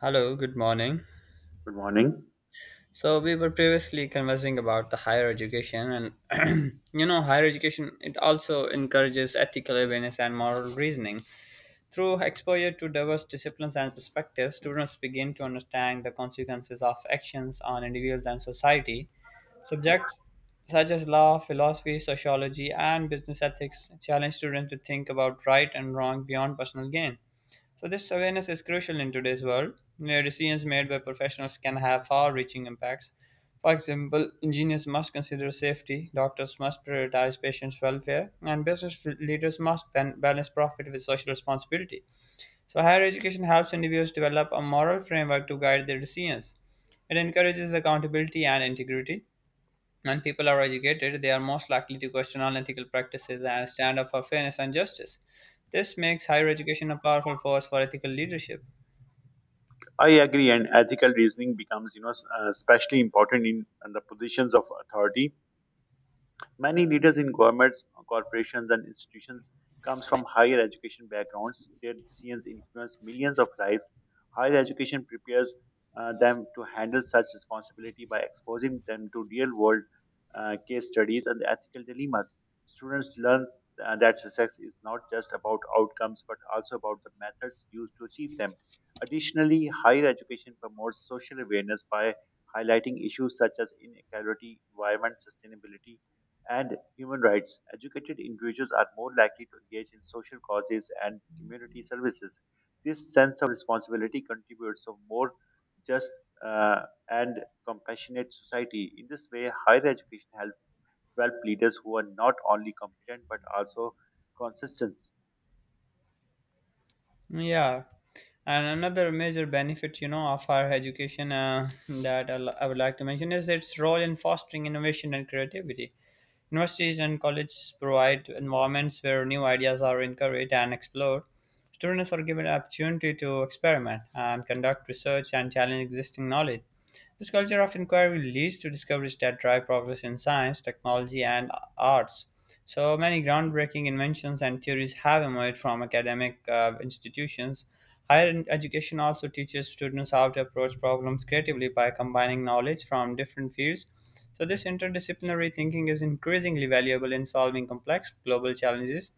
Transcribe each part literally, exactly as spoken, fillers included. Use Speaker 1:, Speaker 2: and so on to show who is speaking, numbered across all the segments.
Speaker 1: Hello, good morning.
Speaker 2: Good morning.
Speaker 1: So we were previously conversing about the higher education and you know higher education it also encourages ethical awareness and moral reasoning. Through exposure to diverse disciplines and perspectives, students begin to understand the consequences of actions on individuals and society. Subjects such as law, philosophy, sociology, and business ethics challenge students to think about right and wrong beyond personal gain. So, this awareness is crucial in today's world, where decisions made by professionals can have far reaching impacts. For example, engineers must consider safety, doctors must prioritize patients' welfare, and business leaders must ban- balance profit with social responsibility. So, higher education helps individuals develop a moral framework to guide their decisions. It encourages accountability and integrity, when people are educated, they are most likely to question unethical practices and stand up for fairness and justice. This makes higher education a powerful force for ethical leadership.
Speaker 2: I agree, and ethical reasoning becomes, you know, s- uh, especially important in, in the positions of authority. Many leaders in governments, corporations, and institutions comes from higher education backgrounds. Their decisions influence millions of lives. Higher education prepares uh, them to handle such responsibility by exposing them to real-world uh, case studies and ethical dilemmas. Students learn uh, that success is not just about outcomes but also about the methods used to achieve them. Additionally, higher education promotes social awareness by highlighting issues such as inequality, environment, sustainability, and human rights. Educated individuals are more likely to engage in social causes and community services. This sense of responsibility contributes to a more just uh, and compassionate society. In this way, higher education helps develop leaders who are not only competent but also consistent.
Speaker 1: Yeah, and another major benefit, you know, of higher education uh, that I li- I would like to mention is its role in fostering innovation and creativity. Universities and colleges provide environments where new ideas are encouraged and explored. Students are given opportunity to experiment and conduct research and challenge existing knowledge. This culture of inquiry leads to discoveries that drive progress in science, technology, and arts. So many groundbreaking inventions and theories have emerged from academic uh, institutions. Higher education also teaches students how to approach problems creatively by combining knowledge from different fields. So, this interdisciplinary thinking is increasingly valuable in solving complex global challenges.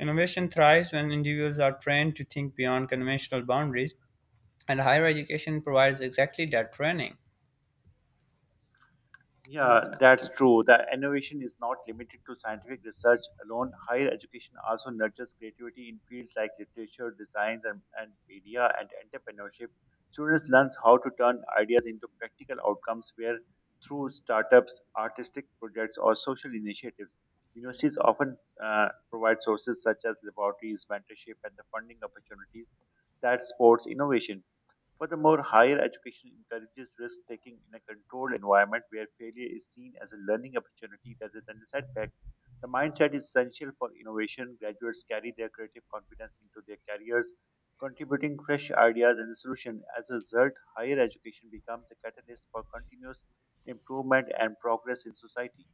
Speaker 1: Innovation thrives when individuals are trained to think beyond conventional boundaries, and higher education provides exactly that training.
Speaker 2: Yeah, that's true. The innovation is not limited to scientific research alone. Higher education also nurtures creativity in fields like literature, designs, and, and media and entrepreneurship. Students learn how to turn ideas into practical outcomes where through startups, artistic projects, or social initiatives. Universities often uh, provide sources such as laboratories, mentorship, and the funding opportunities that supports innovation. Furthermore, higher education encourages risk taking in a controlled environment where failure is seen as a learning opportunity rather than a setback. The mindset is essential for innovation. Graduates carry their creative confidence into their careers, contributing fresh ideas and solutions. As a result, higher education becomes a catalyst for continuous improvement and progress in society.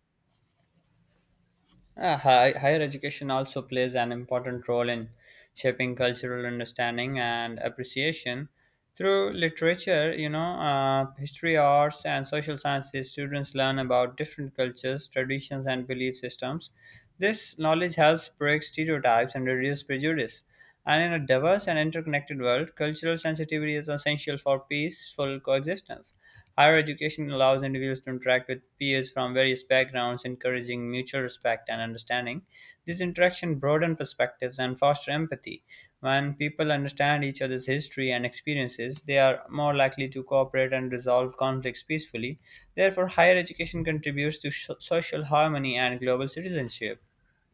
Speaker 1: Uh, hi, higher education also plays an important role in shaping cultural understanding and appreciation. Through literature, you know, uh, history, arts, and social sciences, students learn about different cultures, traditions, and belief systems. This knowledge helps break stereotypes and reduce prejudice. And in a diverse and interconnected world, cultural sensitivity is essential for peaceful coexistence. Higher education allows individuals to interact with peers from various backgrounds, encouraging mutual respect and understanding. These interactions broaden perspectives and foster empathy. When people understand each other's history and experiences, they are more likely to cooperate and resolve conflicts peacefully. Therefore, higher education contributes to sho- social harmony and global citizenship.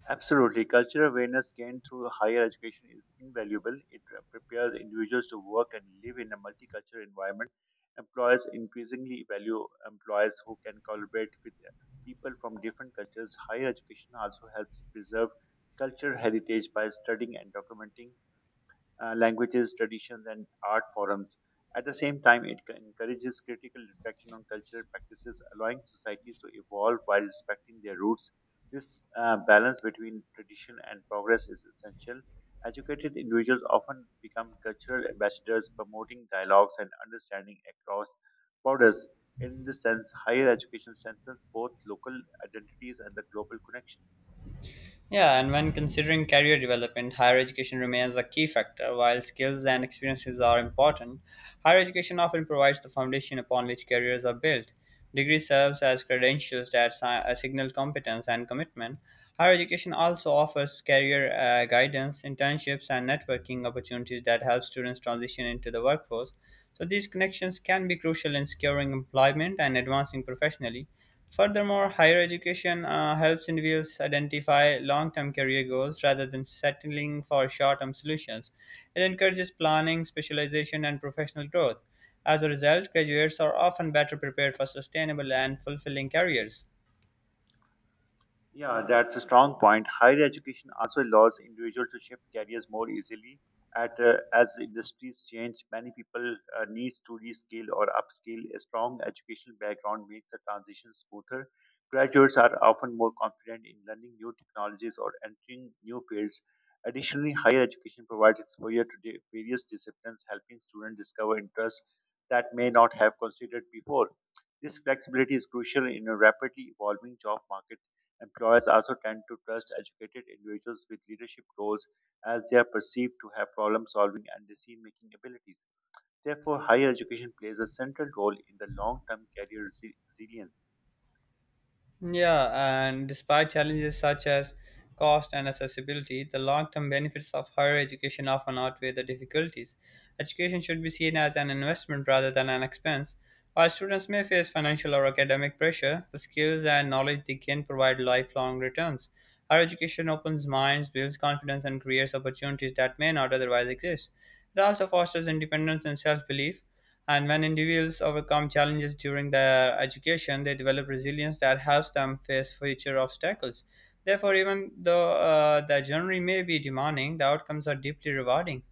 Speaker 2: Absolutely. Cultural awareness gained through higher education is invaluable. It uh, prepares individuals to work and live in a multicultural environment. Employers increasingly value employees who can collaborate with uh, people from different cultures. Higher education also helps preserve cultural heritage by studying and documenting uh, languages, traditions, and art forums. At the same time, it c- encourages critical reflection on cultural practices, allowing societies to evolve while respecting their roots. This uh, balance between tradition and progress is essential. Educated individuals often become cultural ambassadors, promoting dialogues and understanding across borders. In this sense, higher education strengthens both local identities and the global connections.
Speaker 1: Yeah, and when considering career development, higher education remains a key factor. While skills and experiences are important, higher education often provides the foundation upon which careers are built. Degree serves as credentials that si- uh, signal competence and commitment. Higher education also offers career uh, guidance, internships, and networking opportunities that help students transition into the workforce. So these connections can be crucial in securing employment and advancing professionally. Furthermore, higher education uh, helps individuals identify long term career goals rather than settling for short term solutions. It encourages planning, specialization, and professional growth. As a result, graduates are often better prepared for sustainable and fulfilling careers.
Speaker 2: Yeah, that's a strong point. Higher education also allows individuals to shift careers more easily. At uh, as industries change, many people uh, need to reskill or upskill. A strong educational background makes the transition smoother. Graduates are often more confident in learning new technologies or entering new fields. Additionally, higher education provides exposure to di- various disciplines, helping students discover interests that may not have considered before. This flexibility is crucial in a rapidly evolving job market. Employers also tend to trust educated individuals with leadership roles as they are perceived to have problem solving and decision making abilities. Therefore, higher education plays a central role in the long term career resi- resilience.
Speaker 1: Yeah, and despite challenges such as cost and accessibility, the long term benefits of higher education often outweigh the difficulties. Education should be seen as an investment rather than an expense. While students may face financial or academic pressure, the skills and knowledge they gain provide lifelong returns. Higher education opens minds, builds confidence, and creates opportunities that may not otherwise exist. It also fosters independence and self belief. And when individuals overcome challenges during their education, they develop resilience that helps them face future obstacles. Therefore, even though uh, the journey may be demanding, the outcomes are deeply rewarding.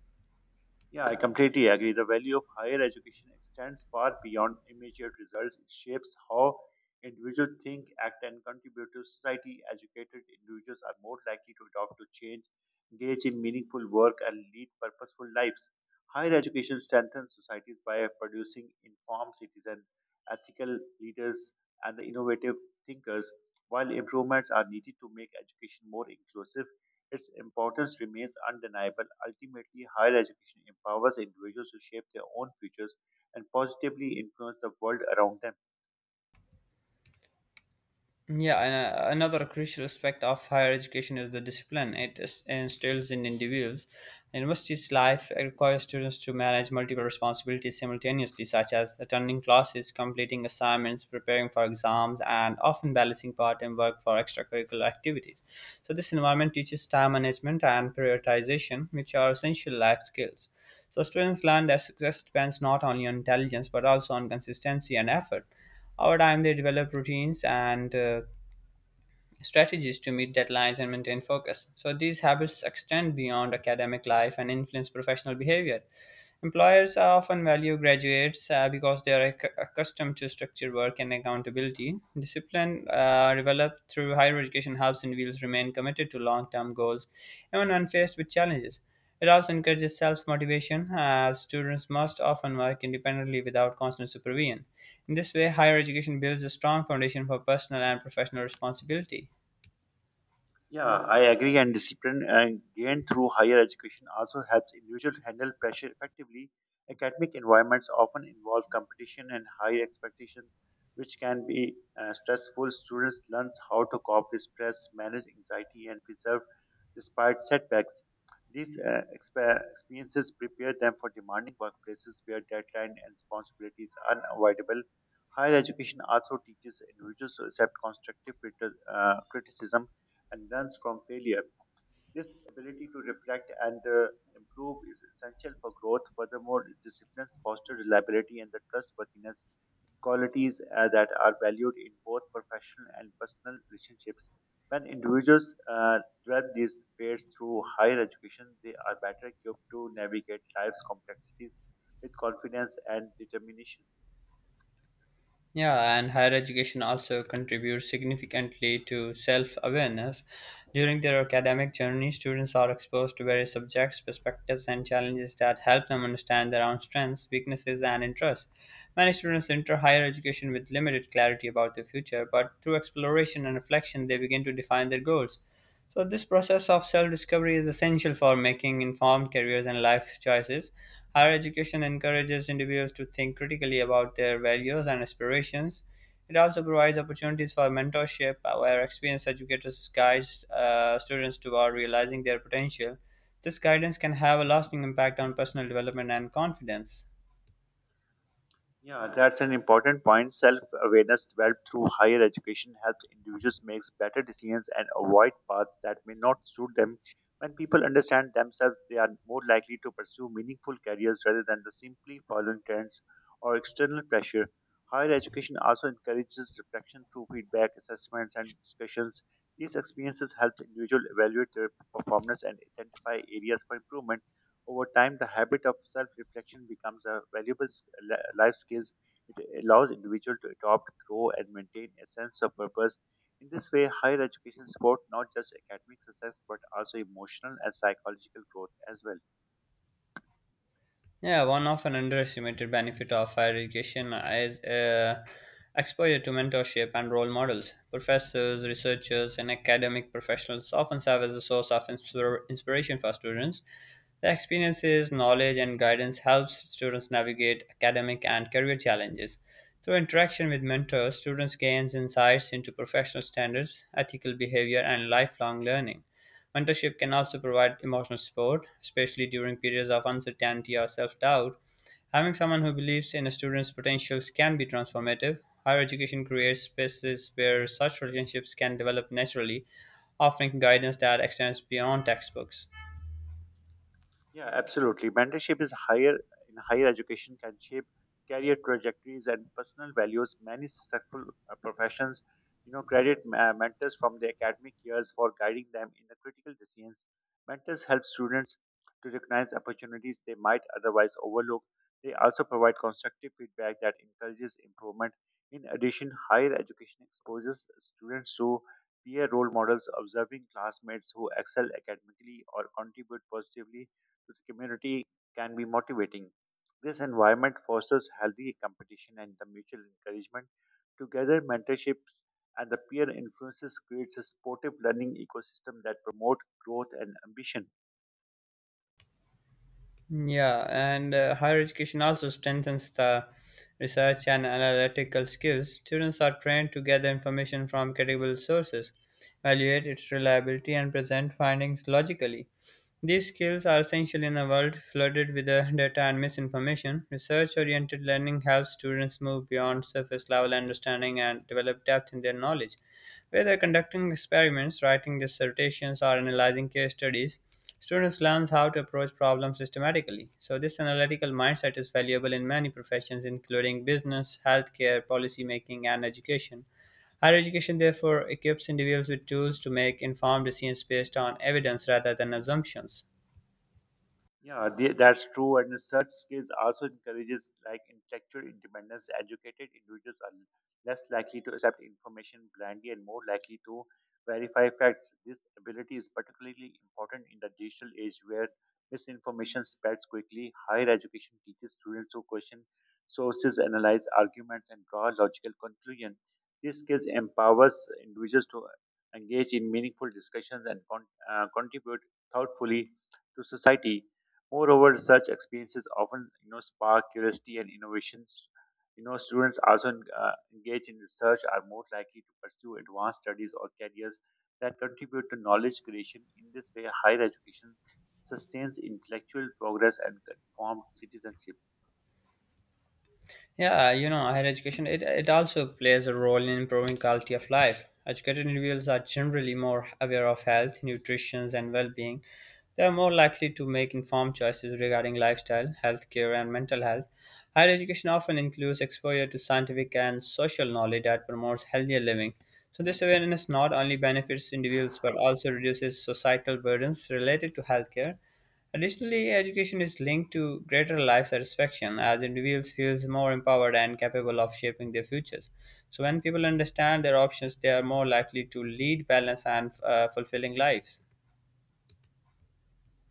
Speaker 2: Yeah, I completely agree. The value of higher education extends far beyond immediate results. It shapes how individuals think, act, and contribute to society. Educated individuals are more likely to adopt to change, engage in meaningful work, and lead purposeful lives. Higher education strengthens societies by producing informed citizens, ethical leaders, and the innovative thinkers. While improvements are needed to make education more inclusive, its importance remains undeniable. Ultimately, higher education empowers individuals to shape their own futures and positively influence the world around them.
Speaker 1: Yeah, and uh, another crucial aspect of higher education is the discipline it is- instills in individuals. University's life requires students to manage multiple responsibilities simultaneously, such as attending classes, completing assignments, preparing for exams, and often balancing part-time work for extracurricular activities. So, this environment teaches time management and prioritization, which are essential life skills. So, students learn that success depends not only on intelligence but also on consistency and effort. Over time, they develop routines and uh, strategies to meet deadlines and maintain focus. So these habits extend beyond academic life and influence professional behavior. Employers often value graduates uh, because they are acc- accustomed to structured work and accountability. Discipline uh, developed through higher education helps individuals remain committed to long term goals, even when faced with challenges. It also encourages self motivation, as students must often work independently without constant supervision. In this way, higher education builds a strong foundation for personal and professional responsibility.
Speaker 2: Yeah, I agree. And discipline and gained through higher education also helps individuals handle pressure effectively. Academic environments often involve competition and high expectations, which can be uh, stressful. Students learn how to cope with stress, manage anxiety, and preserve despite setbacks. These uh, expe- experiences prepare them for demanding workplaces where deadline and responsibilities are unavoidable. Higher education also teaches individuals to accept constructive criti- uh, criticism and learns from failure. This ability to reflect and uh, improve is essential for growth. Furthermore, disciplines foster reliability and the trustworthiness, qualities uh, that are valued in both professional and personal relationships. When individuals uh, thread these traits through higher education, they are better equipped to navigate life's complexities with confidence and determination.
Speaker 1: Yeah, and higher education also contributes significantly to self awareness. During their academic journey, students are exposed to various subjects, perspectives, and challenges that help them understand their own strengths, weaknesses, and interests. Many students enter higher education with limited clarity about their future, but through exploration and reflection, they begin to define their goals. So, this process of self discovery is essential for making informed careers and life choices. Higher education encourages individuals to think critically about their values and aspirations. It also provides opportunities for mentorship, uh, where experienced educators guide uh, students toward realizing their potential. This guidance can have a lasting impact on personal development and confidence.
Speaker 2: Yeah, that's an important point. Self awareness developed through higher education helps individuals make better decisions and avoid paths that may not suit them. When people understand themselves, they are more likely to pursue meaningful careers rather than the simply following trends or external pressure. Higher education also encourages reflection through feedback, assessments, and discussions. These experiences help individuals evaluate their performance and identify areas for improvement. Over time, the habit of self-reflection becomes a valuable s- li- life skill. It allows individuals to adopt, grow, and maintain a sense of purpose. In this way, higher education supports not just academic success but also emotional and psychological growth as well.
Speaker 1: Yeah, one of an underestimated benefit of higher education is uh, exposure to mentorship and role models. Professors, researchers, and academic professionals often serve as a source of inspir- inspiration for students. The experiences, knowledge, and guidance helps students navigate academic and career challenges. Through interaction with mentors, students gains insights into professional standards, ethical behavior, and lifelong learning. Mentorship can also provide emotional support, especially during periods of uncertainty or self-doubt. Having someone who believes in a student's potentials can be transformative. Higher education creates spaces where such relationships can develop naturally, offering guidance that extends beyond textbooks.
Speaker 2: Yeah, absolutely. Mentorship is higher in higher education can shape career trajectories and personal values. Many successful uh, professions, you know, credit uh, mentors from their academic years for guiding them in the critical decisions. Mentors help students to recognize opportunities they might otherwise overlook. They also provide constructive feedback that encourages improvement. In addition, higher education exposes students to peer role models, observing classmates who excel academically or contribute positively to the community can be motivating. This environment fosters healthy competition and the mutual encouragement. Together, mentorships and the peer influences creates a supportive learning ecosystem that promote growth and ambition.
Speaker 1: Yeah, and uh, higher education also strengthens the research and analytical skills. Students are trained to gather information from credible sources, evaluate its reliability, and present findings logically. These skills are essential in a world flooded with uh, data and misinformation. Research oriented learning helps students move beyond surface level understanding and develop depth in their knowledge. Whether conducting experiments, writing dissertations, or analyzing case studies, students learn how to approach problems systematically, so this analytical mindset is valuable in many professions, including business, healthcare, policymaking, and education. Higher education, therefore, equips individuals with tools to make informed decisions based on evidence rather than assumptions.
Speaker 2: Yeah, the, that's true. And such skills also encourages like intellectual independence. Educated individuals are less likely to accept information blindly and more likely to verify facts. This ability is particularly important in the digital age where misinformation spreads quickly. Higher education teaches students to question sources, analyze arguments, and draw logical conclusions. These skills empowers individuals to engage in meaningful discussions and con- uh, contribute thoughtfully to society. Moreover, such experiences often, you know, spark curiosity and innovations. You know, students also en- uh, engaged in research are more likely to pursue advanced studies or careers that contribute to knowledge creation. In this way, higher education sustains intellectual progress and informed citizenship.
Speaker 1: Yeah, uh, you know, higher education it, it also plays a role in improving quality of life. Educated individuals are generally more aware of health, nutrition, and well-being. They are more likely to make informed choices regarding lifestyle, healthcare, and mental health. Higher education often includes exposure to scientific and social knowledge that promotes healthier living. So this awareness not only benefits individuals but also reduces societal burdens related to healthcare. Additionally, education is linked to greater life satisfaction as individuals feels more empowered and capable of shaping their futures. So when people understand their options, they are more likely to lead balanced and uh, fulfilling lives.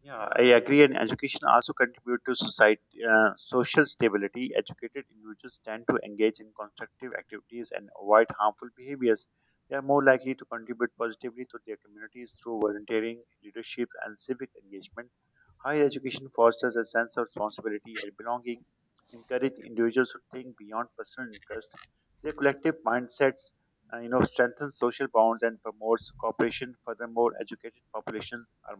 Speaker 2: Yeah, I agree. And education also contribute to society, uh, social stability. Educated individuals tend to engage in constructive activities and avoid harmful behaviors. They are more likely to contribute positively to their communities through volunteering, leadership, and civic engagement. Higher education fosters a sense of responsibility and belonging, encourage individuals to think beyond personal interest. Their collective mindsets, uh, you know, strengthen social bonds and promotes cooperation. Furthermore, educated populations are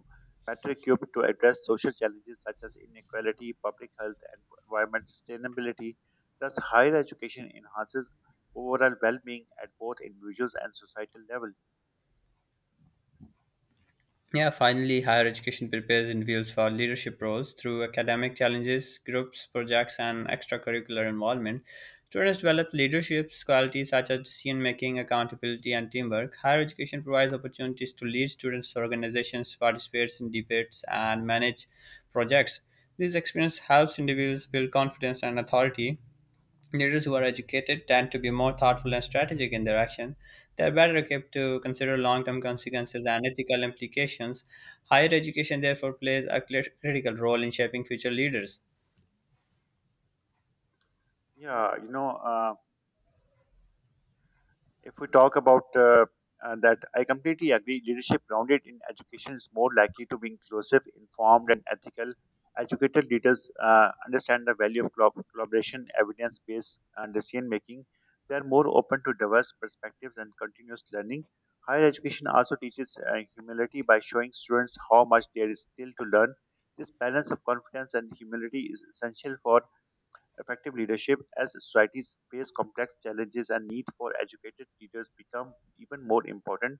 Speaker 2: Metro cube to address social challenges such as inequality, public health, and environmental sustainability. Thus, higher education enhances overall well being at both individuals and societal level.
Speaker 1: Yeah, finally, higher education prepares individuals for leadership roles through academic challenges, groups, projects, and extracurricular involvement. Students develop leadership qualities such as decision making, accountability, and teamwork. Higher education provides opportunities to lead students, organizations, participate in debates, and manage projects. This experience helps individuals build confidence and authority. Leaders who are educated tend to be more thoughtful and strategic in their action. They are better equipped to consider long term consequences and ethical implications. Higher education, therefore, plays a cli- critical role in shaping future leaders.
Speaker 2: Yeah, you know. Uh, If we talk about uh, uh, that, I completely agree. Leadership grounded in education is more likely to be inclusive, informed, and ethical. Educated leaders uh, understand the value of collab- collaboration, evidence based decision making. They are more open to diverse perspectives and continuous learning. Higher education also teaches uh, humility by showing students how much there is still to learn. This balance of confidence and humility is essential for effective leadership as societies face complex challenges and need for educated leaders become even more important.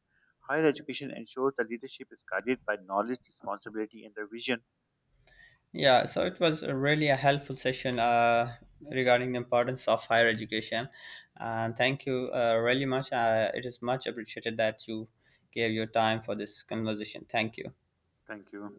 Speaker 2: Higher education ensures that leadership is guided by knowledge, responsibility, and the vision.
Speaker 1: Yeah, so it was a really a helpful session uh, regarding the importance of higher education. And thank you uh, really much. Uh, it is much appreciated that you gave your time for this conversation. Thank you.
Speaker 2: Thank you.